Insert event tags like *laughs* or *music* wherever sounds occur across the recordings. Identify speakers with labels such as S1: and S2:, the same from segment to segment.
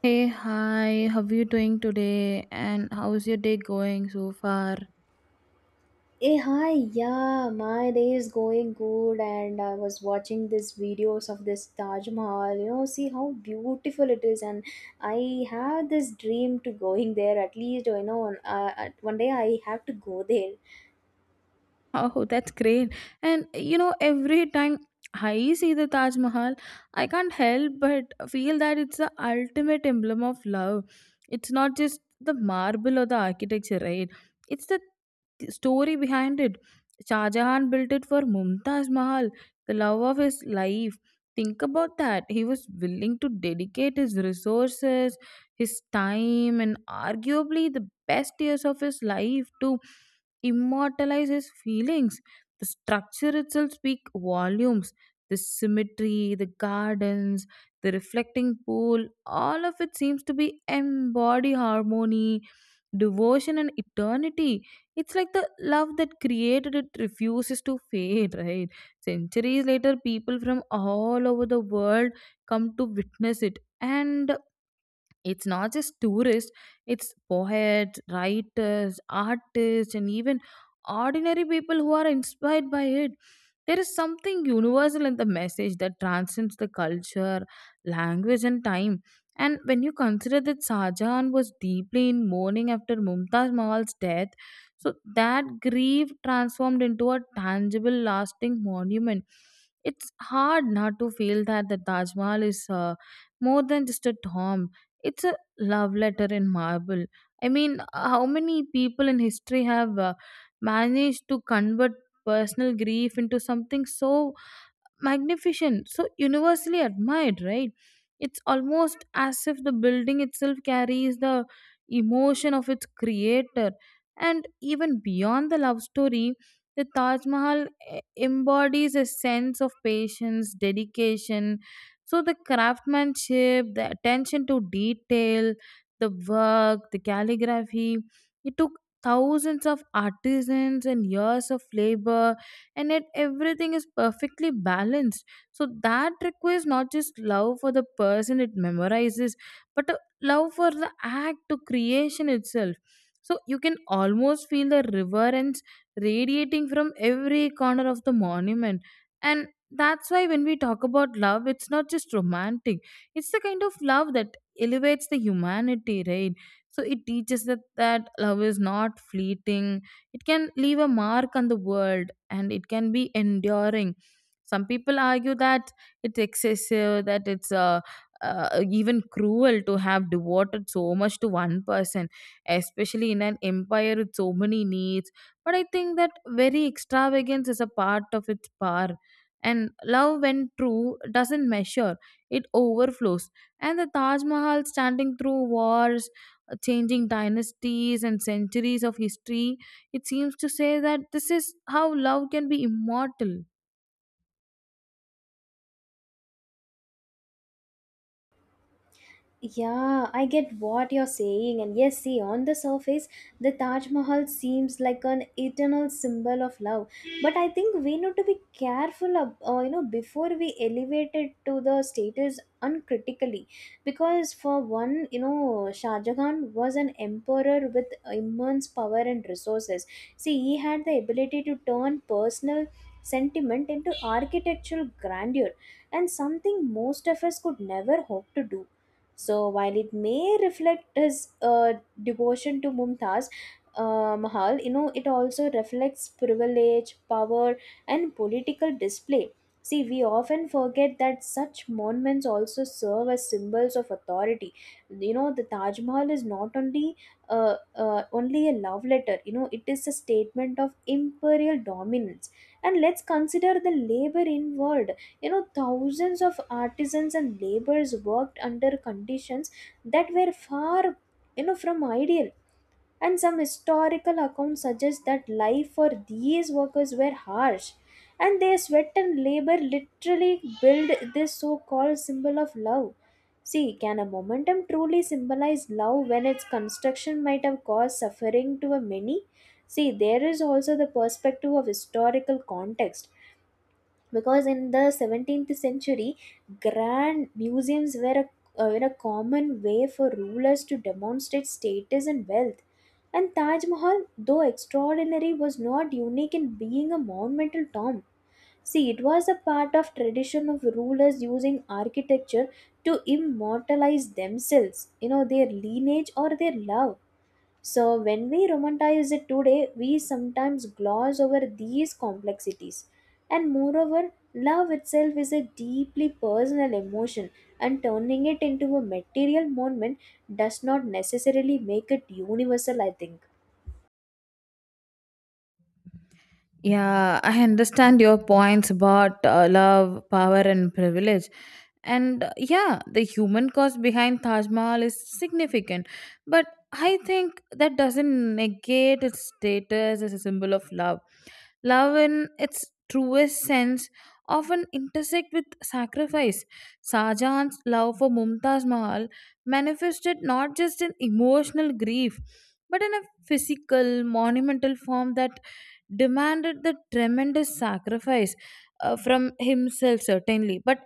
S1: Hey, hi, how are you doing today? And how's your day going so far?
S2: Hey, hi, yeah, my day is going good, and I was watching these videos of this Taj Mahal. You know, see how beautiful it is, and I have this dream to going there at least. You know, on, one day I have to go there.
S1: Oh, that's great. And you know, every time I see the Taj Mahal, I can't help but feel that it's the ultimate emblem of love. It's not just the marble or the architecture, right? It's the story behind it. Shah Jahan built it for Mumtaz Mahal, the love of his life. Think about that. He was willing to dedicate his resources, his time, and arguably the best years of his life to immortalize his feelings. The structure itself speaks volumes. The symmetry, the gardens, the reflecting pool, all of it seems to be embody harmony, devotion, and eternity. It's like the love that created it refuses to fade, *laughs* right? Centuries later, people from all over the world come to witness it. And it's not just tourists, it's poets, writers, artists, and even ordinary people who are inspired by it. There is something universal in the message that transcends the culture, language, and time. And when you consider that Sajan was deeply in mourning after Mumtaz Mahal's death, so that grief transformed into a tangible, lasting monument. It's hard not to feel that the Taj Mahal is more than just a tomb. It's a love letter in marble. I mean, how many people in history have managed to convert personal grief into something so magnificent, so universally admired, right? It's almost as if the building itself carries the emotion of its creator. And even beyond the love story, the Taj Mahal embodies a sense of patience, dedication. So the craftsmanship, the attention to detail, the work, the calligraphy, it took thousands of artisans and years of labor, and yet everything is perfectly balanced. So that requires not just love for the person it memorizes, but a love for the act to creation itself. So you can almost feel the reverence radiating from every corner of the monument. And that's why when we talk about love, it's not just romantic, it's the kind of love that elevates the humanity, right? So it teaches that love is not fleeting. It can leave a mark on the world, and it can be enduring. Some people argue that it's excessive, that it's even cruel to have devoted so much to one person, especially in an empire with so many needs. But I think that very extravagance is a part of its power. And love, when true, doesn't measure, it overflows. And the Taj Mahal, standing through wars, changing dynasties, and centuries of history, it seems to say that this is how love can be immortal.
S2: Yeah, I get what you're saying. And yes, see, on the surface, the Taj Mahal seems like an eternal symbol of love. But I think we need to be careful, you know, before we elevate it to the status uncritically. Because for one, you know, Shah Jahan was an emperor with immense power and resources. See, he had the ability to turn personal sentiment into architectural grandeur and something most of us could never hope to do, so while it may reflect his devotion to Mumtaz Mahal, you know, it also reflects privilege, power, and political display. See, we often forget that such monuments also serve as symbols of authority. You know, the Taj Mahal is not only only a love letter. You know, it is a statement of imperial dominance. And let's consider the labor involved. You know, thousands of artisans and laborers worked under conditions that were far, you know, from ideal, and some historical accounts suggest that life for these workers were harsh, and their sweat and labor literally build this so-called symbol of love. See, can a momentum truly symbolize love when its construction might have caused suffering to a many? See, there is also the perspective of historical context, because in the 17th century, grand museums were a common way for rulers to demonstrate status and wealth, and Taj Mahal, though extraordinary, was not unique in being a monumental tomb. See, it was a part of tradition of rulers using architecture to immortalize themselves, you know, their lineage or their love. So, when we romanticize it today, we sometimes gloss over these complexities. And moreover, love itself is a deeply personal emotion, and turning it into a material moment does not necessarily make it universal, I think.
S1: Yeah, I understand your points about love, power, and privilege. And yeah, the human cost behind Taj Mahal is significant. But I think that doesn't negate its status as a symbol of love. Love, in its truest sense, often intersect with sacrifice. Shahjahan's love for Mumtaz Mahal manifested not just in emotional grief, but in a physical, monumental form that demanded the tremendous sacrifice from himself, certainly, but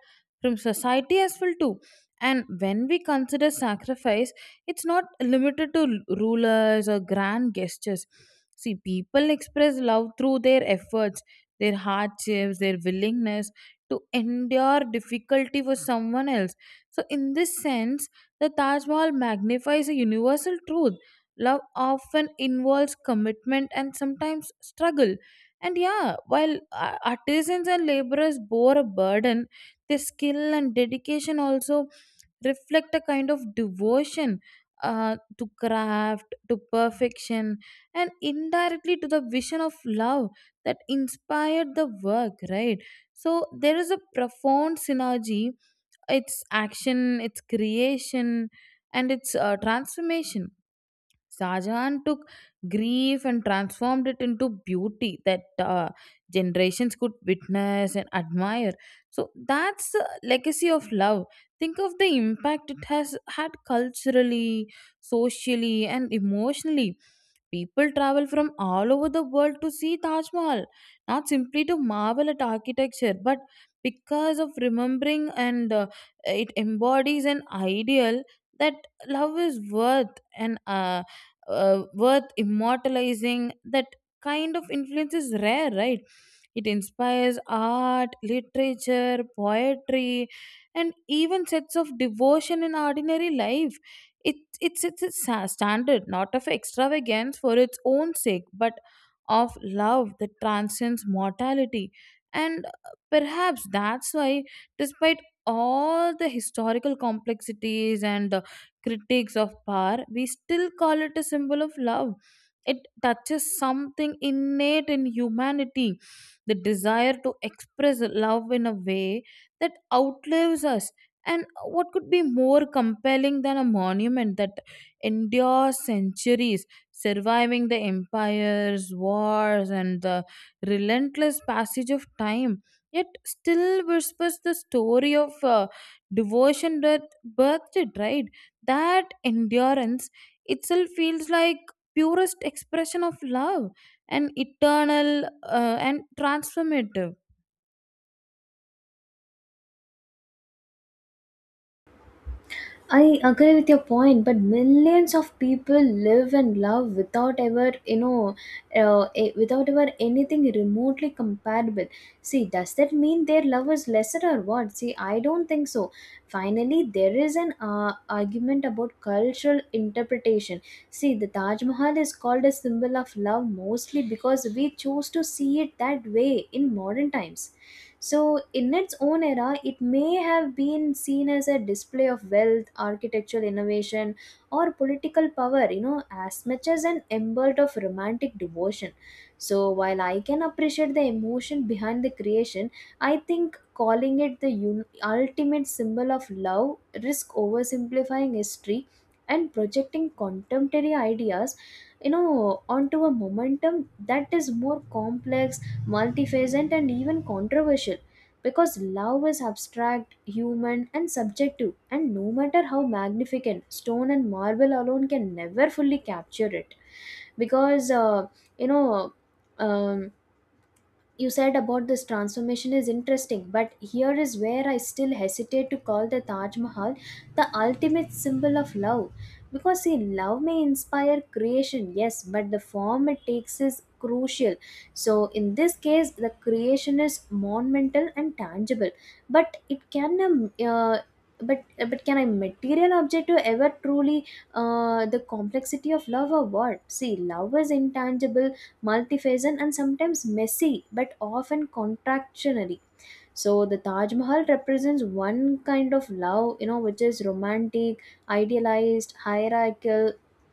S1: from society as well, too. And when we consider sacrifice, it's not limited to rulers or grand gestures. See, people express love through their efforts, their hardships, their willingness to endure difficulty for someone else. So, in this sense, the Taj Mahal magnifies a universal truth. Love often involves commitment and sometimes struggle. And yeah, while artisans and laborers bore a burden, their skill and dedication also reflect a kind of devotion to craft, to perfection, and indirectly to the vision of love that inspired the work, right? So there is a profound synergy, its action, its creation, and its transformation. Shahjahan took grief and transformed it into beauty that generations could witness and admire. So that's a legacy of love. Think of the impact it has had culturally, socially, and emotionally. People travel from all over the world to see Taj Mahal, not simply to marvel at architecture, but because of remembering and it embodies an ideal that love is worth, and worth immortalizing. That kind of influence is rare, right? It inspires art, literature, poetry, and even sets of devotion in ordinary life. It's a standard not of extravagance for its own sake, but of love that transcends mortality. And perhaps that's why, despite all the historical complexities and the critics of power, we still call it a symbol of love. It touches something innate in humanity, the desire to express love in a way that outlives us. And what could be more compelling than a monument that endures centuries, surviving the empires, wars, and the relentless passage of time? Yet still whispers the story of devotion that birthed it, right? That endurance itself feels like purest expression of love, and eternal and transformative.
S2: I agree with your point, but millions of people live and love without ever, you know, without ever anything remotely comparable. See, does that mean their love is lesser or what? See, I don't think so. Finally, there is an argument about cultural interpretation. See, the Taj Mahal is called a symbol of love mostly because we choose to see it that way in modern times. So, in its own era, it may have been seen as a display of wealth, architectural innovation, or political power, you know, as much as an embleem of romantic devotion. So, while I can appreciate the emotion behind the creation, I think calling it the ultimate symbol of love risk oversimplifying history and projecting contemporary ideas, you know, onto a momentum that is more complex, multifaceted, and even controversial, because love is abstract, human, and subjective, and no matter how magnificent, stone and marble alone can never fully capture it because you know. Um, you said about this transformation is interesting, but here is where I still hesitate to call the Taj Mahal the ultimate symbol of love. Because, see, love may inspire creation, yes, but the form it takes is crucial. So, in this case, the creation is monumental and tangible, but it can. Uh, but but can a material object to ever truly the complexity of love or what? See, love is intangible, multiphasic, and sometimes messy, but often contractionary. So the Taj Mahal represents one kind of love, you know, which is romantic, idealized, hierarchical,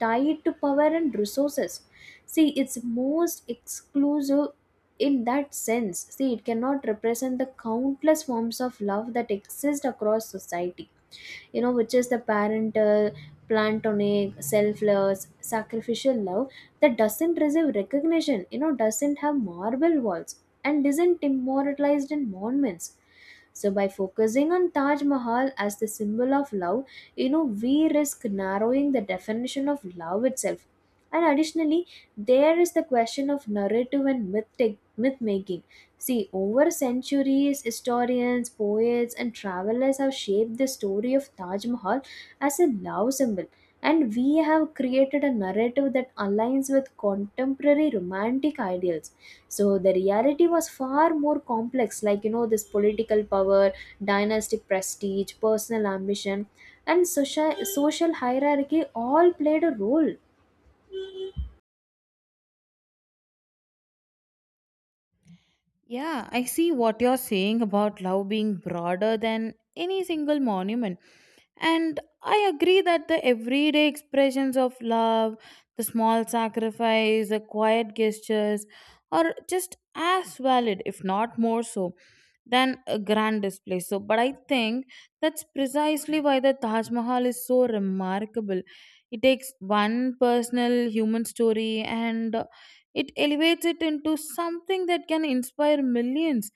S2: tied to power and resources. See, it's most exclusive in that sense. See, it cannot represent the countless forms of love that exist across society, you know, which is the parental, platonic, selfless, sacrificial love that doesn't receive recognition, you know, doesn't have marble walls, and isn't immortalized in monuments. So, by focusing on Taj Mahal as the symbol of love, you know, we risk narrowing the definition of love itself. And additionally, there is the question of narrative and myth making. See, over centuries, historians, poets, and travelers have shaped the story of Taj Mahal as a love symbol, and we have created a narrative that aligns with contemporary romantic ideals. So the reality was far more complex, like, you know, this political power, dynastic prestige, personal ambition, and social hierarchy all played a role.
S1: Yeah, I see what you're saying about love being broader than any single monument. And I agree that the everyday expressions of love, the small sacrifice, the quiet gestures, are just as valid, if not more so, than a grand display. So, but I think that's precisely why the Taj Mahal is so remarkable. It takes one personal human story and it elevates it into something that can inspire millions.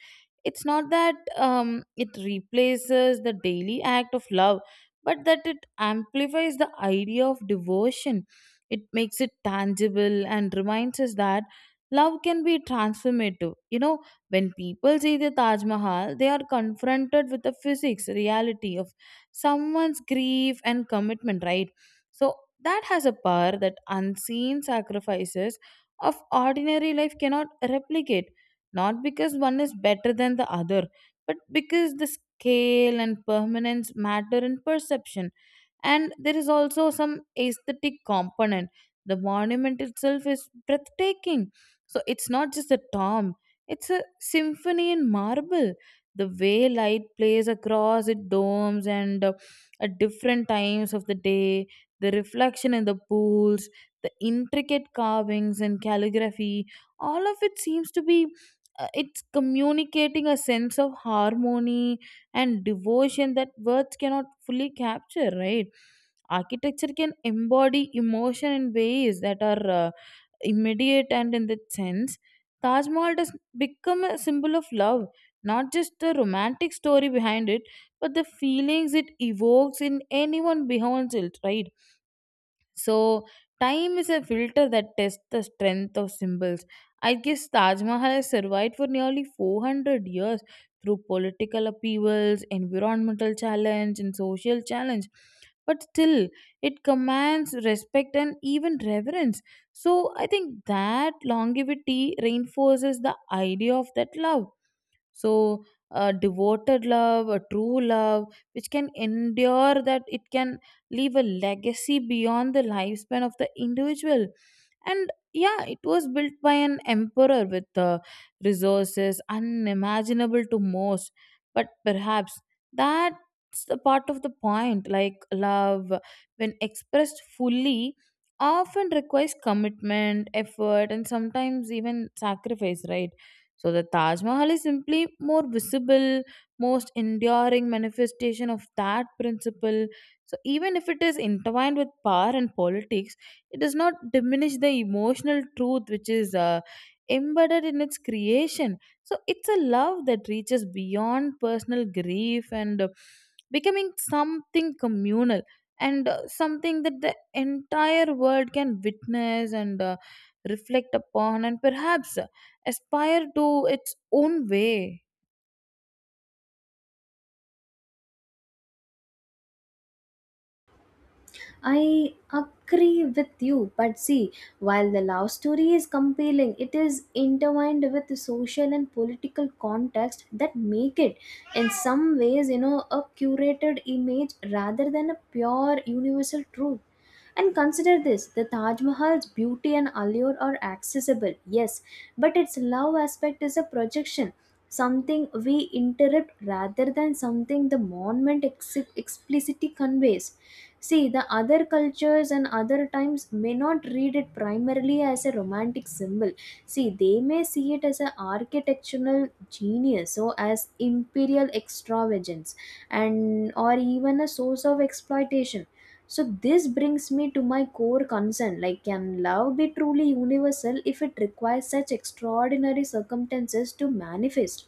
S1: It's not that it replaces the daily act of love, but that it amplifies the idea of devotion. It makes it tangible and reminds us that love can be transformative, you know. When people see the Taj Mahal, they are confronted with the physics reality of someone's grief and commitment, right? So that has a power that unseen sacrifices of ordinary life cannot replicate. Not because one is better than the other, but because the scale and permanence matter in perception. And there is also some aesthetic component. The monument itself is breathtaking. So it's not just a tomb, it's a symphony in marble. The way light plays across its domes, and at different times of the day, the reflection in the pools, the intricate carvings and calligraphy, all of it seems to be it's communicating a sense of harmony and devotion that words cannot fully capture, right? Architecture can embody emotion in ways that are immediate, and in that sense Taj Mahal does become a symbol of love, not just the romantic story behind it, but the feelings it evokes in anyone beholds it, right? So, time is a filter that tests the strength of symbols. I guess Taj Mahal has survived for nearly 400 years through political upheavals, environmental challenge, and social challenge. But still, it commands respect and even reverence. So, I think that longevity reinforces the idea of that love. So a devoted love, a true love, which can endure, that it can leave a legacy beyond the lifespan of the individual. And yeah, it was built by an emperor with resources unimaginable to most, but perhaps that's the part of the point. Like love, when expressed fully, often requires commitment, effort, and sometimes even sacrifice, right? So the Taj Mahal is simply more visible, most enduring manifestation of that principle. So even if it is intertwined with power and politics, it does not diminish the emotional truth, which is embedded in its creation. So it's a love that reaches beyond personal grief, and becoming something communal, and something that the entire world can witness, and reflect upon, and perhaps aspire to its own way.
S2: I agree with you, but see, while the love story is compelling, it is intertwined with the social and political context that make it, in some ways, you know, a curated image rather than a pure universal truth. And consider this: the Taj Mahal's beauty and allure are accessible, yes, but its love aspect is a projection, something we interrupt rather than something the monument explicitly conveys. See, the other cultures and other times may not read it primarily as a romantic symbol. See, they may see it as an architectural genius, or as imperial extravagance, and or even a source of exploitation. So this brings me to my core concern: like, can love be truly universal if it requires such extraordinary circumstances to manifest?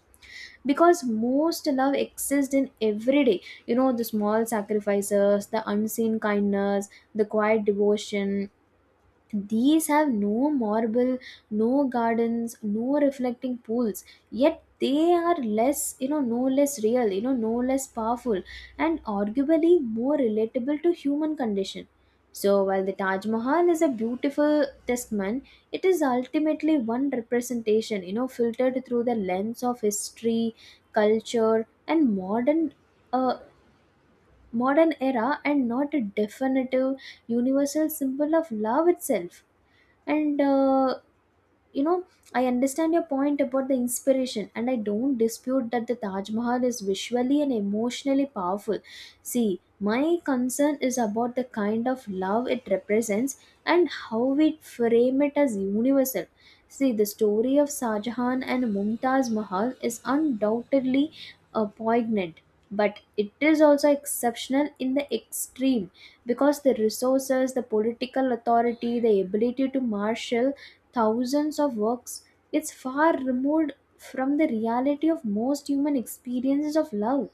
S2: Because most love exists in everyday, you know, the small sacrifices, the unseen kindness, the quiet devotion, these have no marble, no gardens, no reflecting pools, yet they are less, you know, no less real, you know, no less powerful, and arguably more relatable to human condition. So while the Taj Mahal is a beautiful testament, it is ultimately one representation, you know, filtered through the lens of history, culture, and uh, modern era, and not a definitive universal symbol of love itself. And you know, I understand your point about the inspiration, and I don't dispute that the Taj Mahal is visually and emotionally powerful. See, my concern is about the kind of love it represents, and how we frame it as universal. See, the story of Shah Jahan and Mumtaz Mahal is undoubtedly poignant, but it is also exceptional in the extreme, because the resources, the political authority, the ability to marshal thousands of works, it's far removed from the reality of most human experiences of love.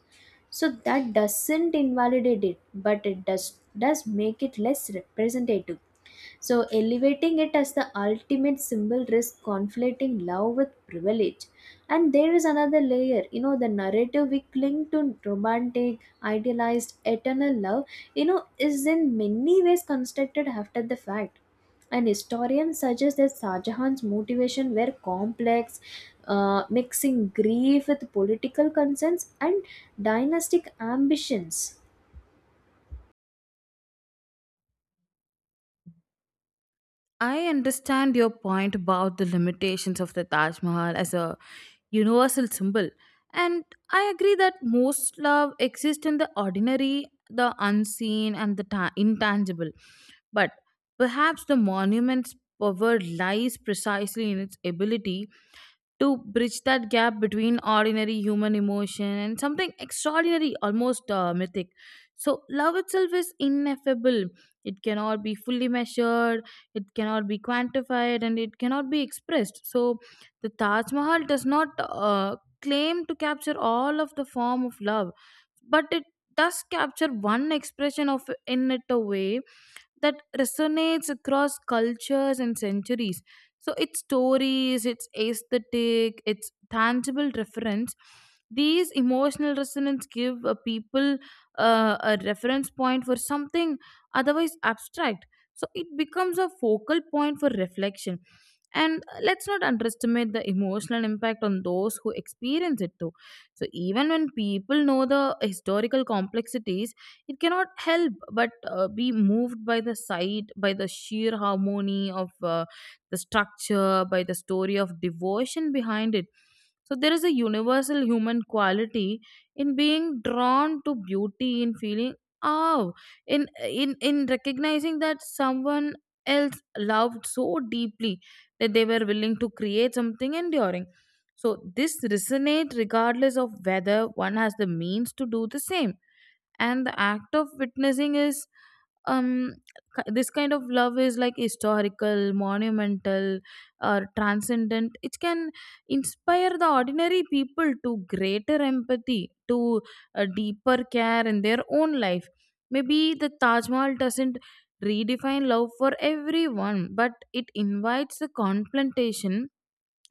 S2: So that doesn't invalidate it, but it does make it less representative. So, elevating it as the ultimate symbol risks conflating love with privilege. And there is another layer, you know, the narrative we cling to, romantic, idealized, eternal love, you know, is in many ways constructed after the fact. And historians suggest that Shah Jahan's motivation were complex, mixing grief with political concerns and dynastic ambitions.
S1: I understand your point about the limitations of the Taj Mahal as a universal symbol. And I agree that most love exists in the ordinary, the unseen, and the intangible. But perhaps the monument's power lies precisely in its ability to bridge that gap between ordinary human emotion and something extraordinary, almost mythic. So, love itself is ineffable. It cannot be fully measured, it cannot be quantified, and it cannot be expressed. So, the Taj Mahal does not claim to capture all of the form of love, but it does capture one expression of in it a way that resonates across cultures and centuries. So its stories, its aesthetic, its tangible reference, these emotional resonance give a people a reference point for something otherwise abstract. So it becomes a focal point for reflection. And let's not underestimate the emotional impact on those who experience it too. So even when people know the historical complexities, it cannot help but be moved by the sight, by the sheer harmony of the structure, by the story of devotion behind it. So there is a universal human quality in being drawn to beauty, in feeling, oh, in recognizing that someone else loved so deeply that they were willing to create something enduring. So this resonate regardless of whether one has the means to do the same and the act of witnessing is um this kind of love is like historical monumental or transcendent. It can inspire the ordinary people to greater empathy, to a deeper care in their own life. Maybe the Taj Mahal doesn't redefine love for everyone, but it invites the confrontation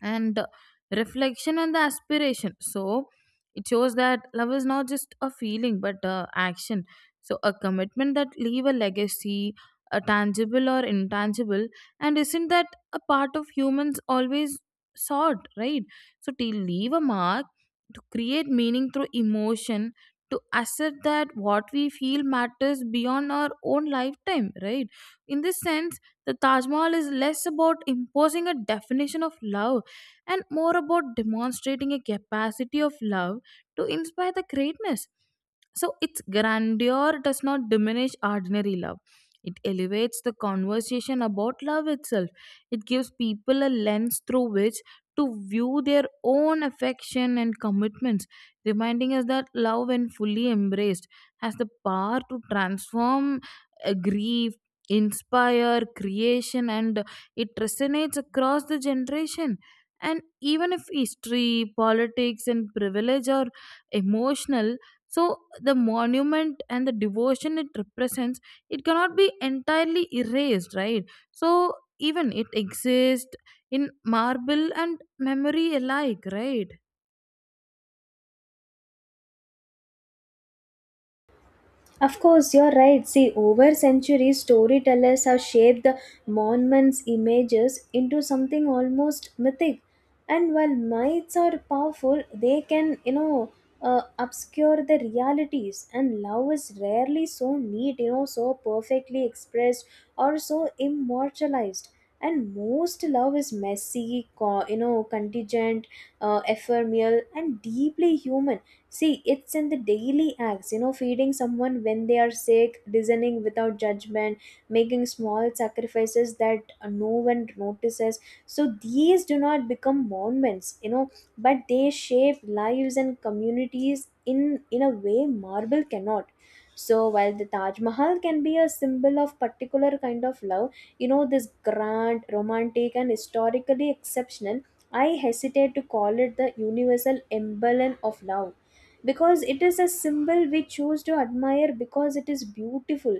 S1: and reflection and the aspiration. So it shows that love is not just a feeling but a action, so a commitment that leave a legacy, a tangible or intangible. And isn't that a part of humans always sought, right? So to leave a mark, to create meaning through emotion, to assert that what we feel matters beyond our own lifetime, right? In this sense, the Taj Mahal is less about imposing a definition of love and more about demonstrating a capacity of love to inspire the greatness. So its grandeur does not diminish ordinary love. It elevates the conversation about love itself. It gives people a lens through which to view their own affection and commitments, reminding us that love, when fully embraced, has the power to transform grief, inspire creation, and it resonates across the generation. And even if history, politics and privilege are emotional, so the monument and the devotion it represents, it cannot be entirely erased, right? So even it exists in marble and memory alike, right?
S2: Of course, you're right. See, over centuries, storytellers have shaped the monument's images into something almost mythic. And while myths are powerful, they can, you know, obscure the realities. And love is rarely so neat, you know, so perfectly expressed or so immortalized. And most love is messy, you know, contingent, ephemeral, and deeply human. See, it's in the daily acts, you know, feeding someone when they are sick, listening without judgment, making small sacrifices that no one notices. So these do not become monuments, you know, but they shape lives and communities in a way marble cannot. So while the Taj Mahal can be a symbol of particular kind of love, you know, this grand, romantic, and historically exceptional, I hesitate to call it the universal emblem of love, because it is a symbol we choose to admire because it is beautiful,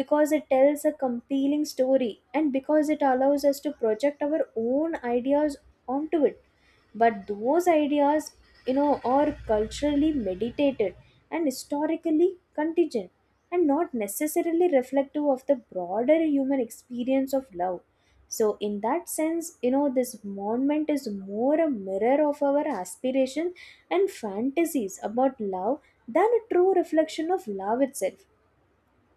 S2: because it tells a compelling story, and because it allows us to project our own ideas onto it. But those ideas, you know, are culturally meditated and historically contingent, and not necessarily reflective of the broader human experience of love. So in that sense, you know, this monument is more a mirror of our aspiration and fantasies about love than a true reflection of love itself.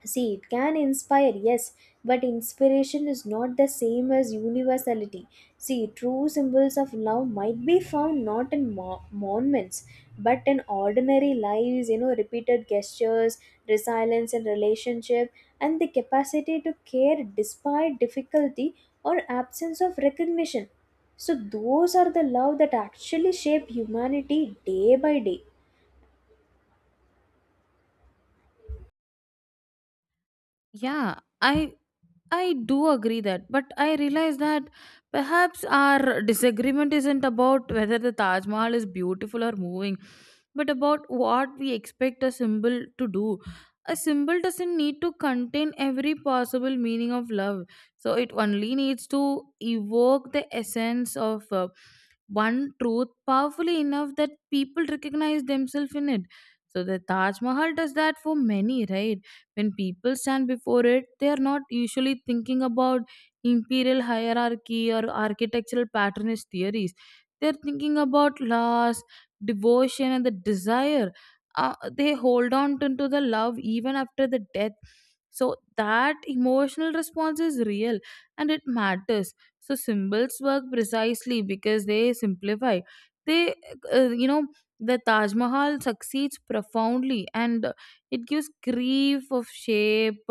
S2: See, it can inspire, yes, but inspiration is not the same as universality. See, true symbols of love might be found not in monuments, but in ordinary lives, you know, repeated gestures, resilience in relationship, and the capacity to care despite difficulty or absence of recognition. So, those are the love that actually shape humanity day by day.
S1: Yeah. i I do agree that, but I realize that perhaps our disagreement isn't about whether the Taj Mahal is beautiful or moving, but about what we expect a symbol to do. A symbol doesn't need to contain every possible meaning of love, so it only needs to evoke the essence of one truth powerfully enough that people recognize themselves in it. So the Taj Mahal does that for many, right? When people stand before it, they are not usually thinking about imperial hierarchy or architectural patternist theories. They're thinking about loss, devotion, and the desire. They hold on to the love even after the death. So that emotional response is real and it matters. So symbols work precisely because they simplify. They, uh, you know, the Taj Mahal succeeds profoundly, and it gives grief of shape,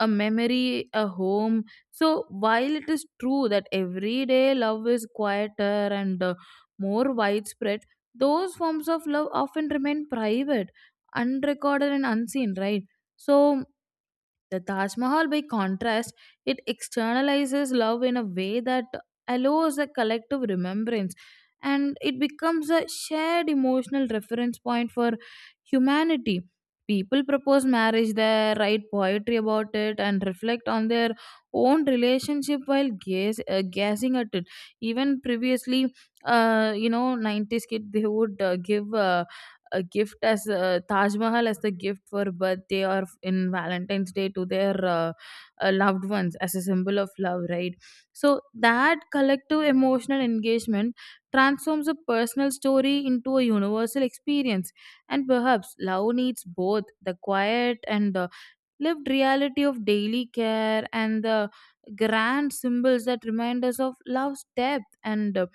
S1: a memory a home. So while it is true that everyday love is quieter and more widespread, those forms of love often remain private, unrecorded and unseen, right? So the Taj Mahal, by contrast, it externalizes love in a way that allows a collective remembrance, and it becomes a shared emotional reference point for humanity. People propose marriage there, write poetry about it, and reflect on their own relationship while gazing at it. Even previously, 90s kid, they would give. A gift as a Taj Mahal as the gift for birthday or in Valentine's Day to their loved ones as a symbol of love, right? So that collective emotional engagement transforms a personal story into a universal experience, and perhaps love needs both the quiet and lived reality of daily care and the grand symbols that remind us of love's depth and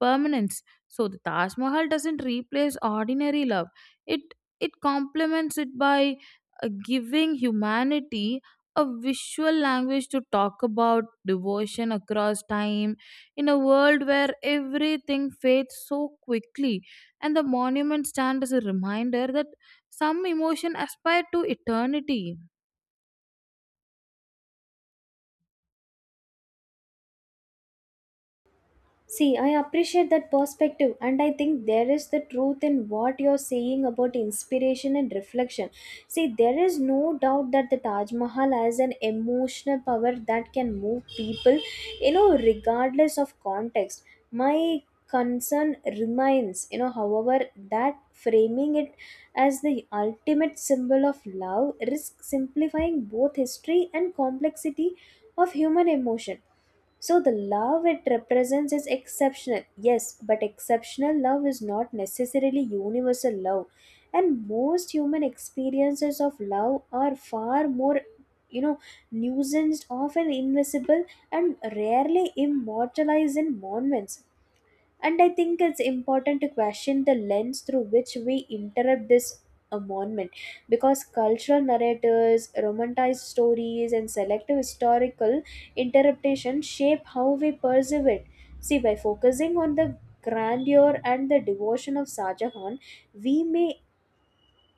S1: permanence. So the Taj Mahal doesn't replace ordinary love. It it complements it by giving humanity a visual language to talk about devotion across time in a world where everything fades so quickly, and the monument stand as a reminder that some emotion aspire to eternity.
S2: See, I appreciate that perspective, and I think there is the truth in what you're saying about inspiration and reflection. See, there is no doubt that the Taj Mahal has an emotional power that can move people, you know, regardless of context. My concern remains, you know, however, that framing it as the ultimate symbol of love risks simplifying both history and complexity of human emotion. So the love it represents is exceptional, yes, but exceptional love is not necessarily universal love. And most human experiences of love are far more, you know, nuanced, often invisible, and rarely immortalized in monuments. And I think it's important to question the lens through which we interrupt this monument, because cultural narratives, romanticized stories, and selective historical interpretation shape how we perceive it. See, by focusing on the grandeur and the devotion of Shah Jahan, we may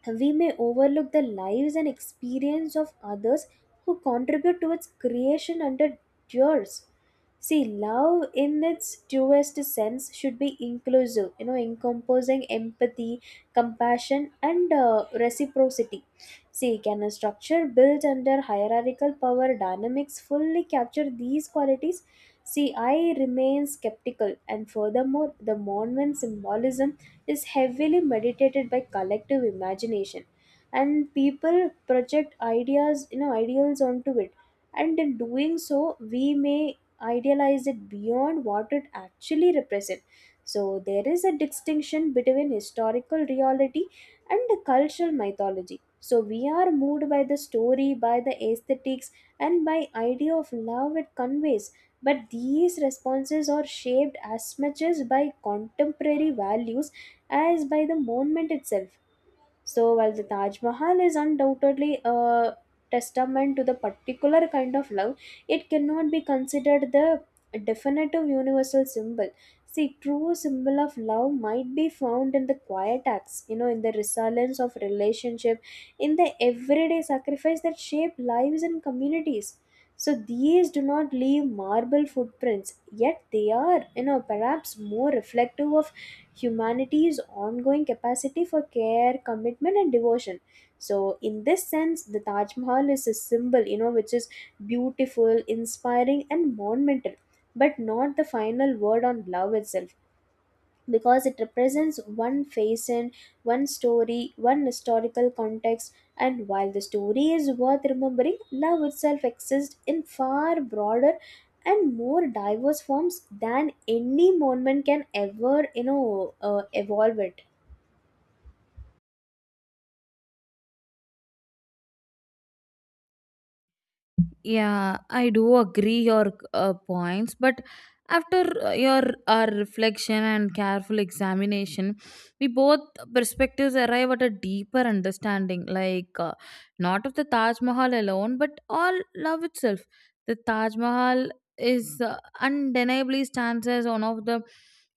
S2: we may overlook the lives and experience of others who contribute to its creation under yours. See, love in its truest sense should be inclusive, you know, encompassing empathy, compassion, and reciprocity. See, can a structure built under hierarchical power dynamics fully capture these qualities? See, I remain skeptical, and furthermore, the Mormon symbolism is heavily meditated by collective imagination, and people project ideas, you know, ideals onto it, and in doing so we may idealize it beyond what it actually represents. So there is a distinction between historical reality and the cultural mythology. So we are moved by the story, by the aesthetics, and by idea of love it conveys, but these responses are shaped as much as by contemporary values as by the monument itself. So, while the Taj Mahal is undoubtedly a testament to the particular kind of love, it cannot be considered the definitive universal symbol. See, true symbol of love might be found in the quiet acts, you know, in the resilience of relationship, in the everyday sacrifice that shape lives and communities. So these do not leave marble footprints, yet they are, you know, perhaps more reflective of humanity's ongoing capacity for care, commitment, and devotion. So, in this sense, the Taj Mahal is a symbol, you know, which is beautiful, inspiring, and monumental, but not the final word on love itself, because it represents one face and one story, one historical context. And while the story is worth remembering, love itself exists in far broader and more diverse forms than any monument can ever, you know, evolve it.
S1: Yeah, I do agree your points, but after your our reflection and careful examination, we both perspectives arrive at a deeper understanding, like not of the Taj Mahal alone, but all love itself. The Taj Mahal is undeniably stands as one of the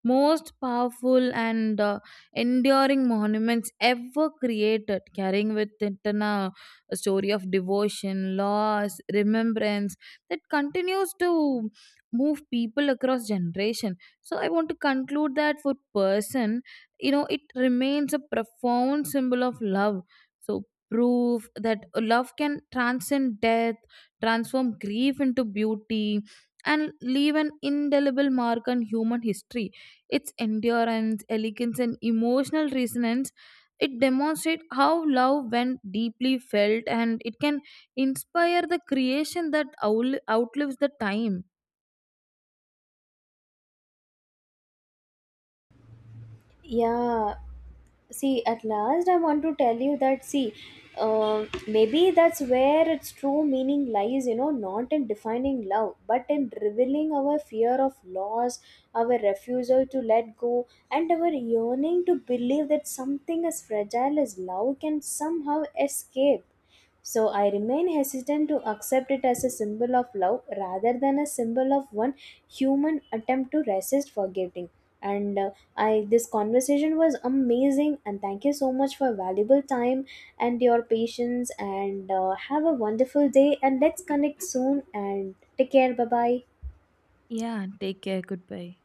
S1: most powerful and enduring monuments ever created, carrying with it a story of devotion, loss, remembrance that continues to move people across generation. So I want to conclude that for person, you know, it remains a profound symbol of love. So proof that love can transcend death, transform grief into beauty, and leave an indelible mark on human history. Its endurance, elegance, and emotional resonance, it demonstrates how love, when deeply felt, and it can inspire the creation that outlives the time.
S2: Yeah, see, at last I want to tell you that, see, maybe that's where its true meaning lies, you know, not in defining love but in revealing our fear of loss, our refusal to let go, and our yearning to believe that something as fragile as love can somehow escape. So I remain hesitant to accept it as a symbol of love rather than a symbol of one human attempt to resist forgetting. And I this conversation was amazing, and thank you so much for valuable time and your patience, and have a wonderful day, and let's connect soon, and take care, bye bye.
S1: Yeah, take care. Goodbye.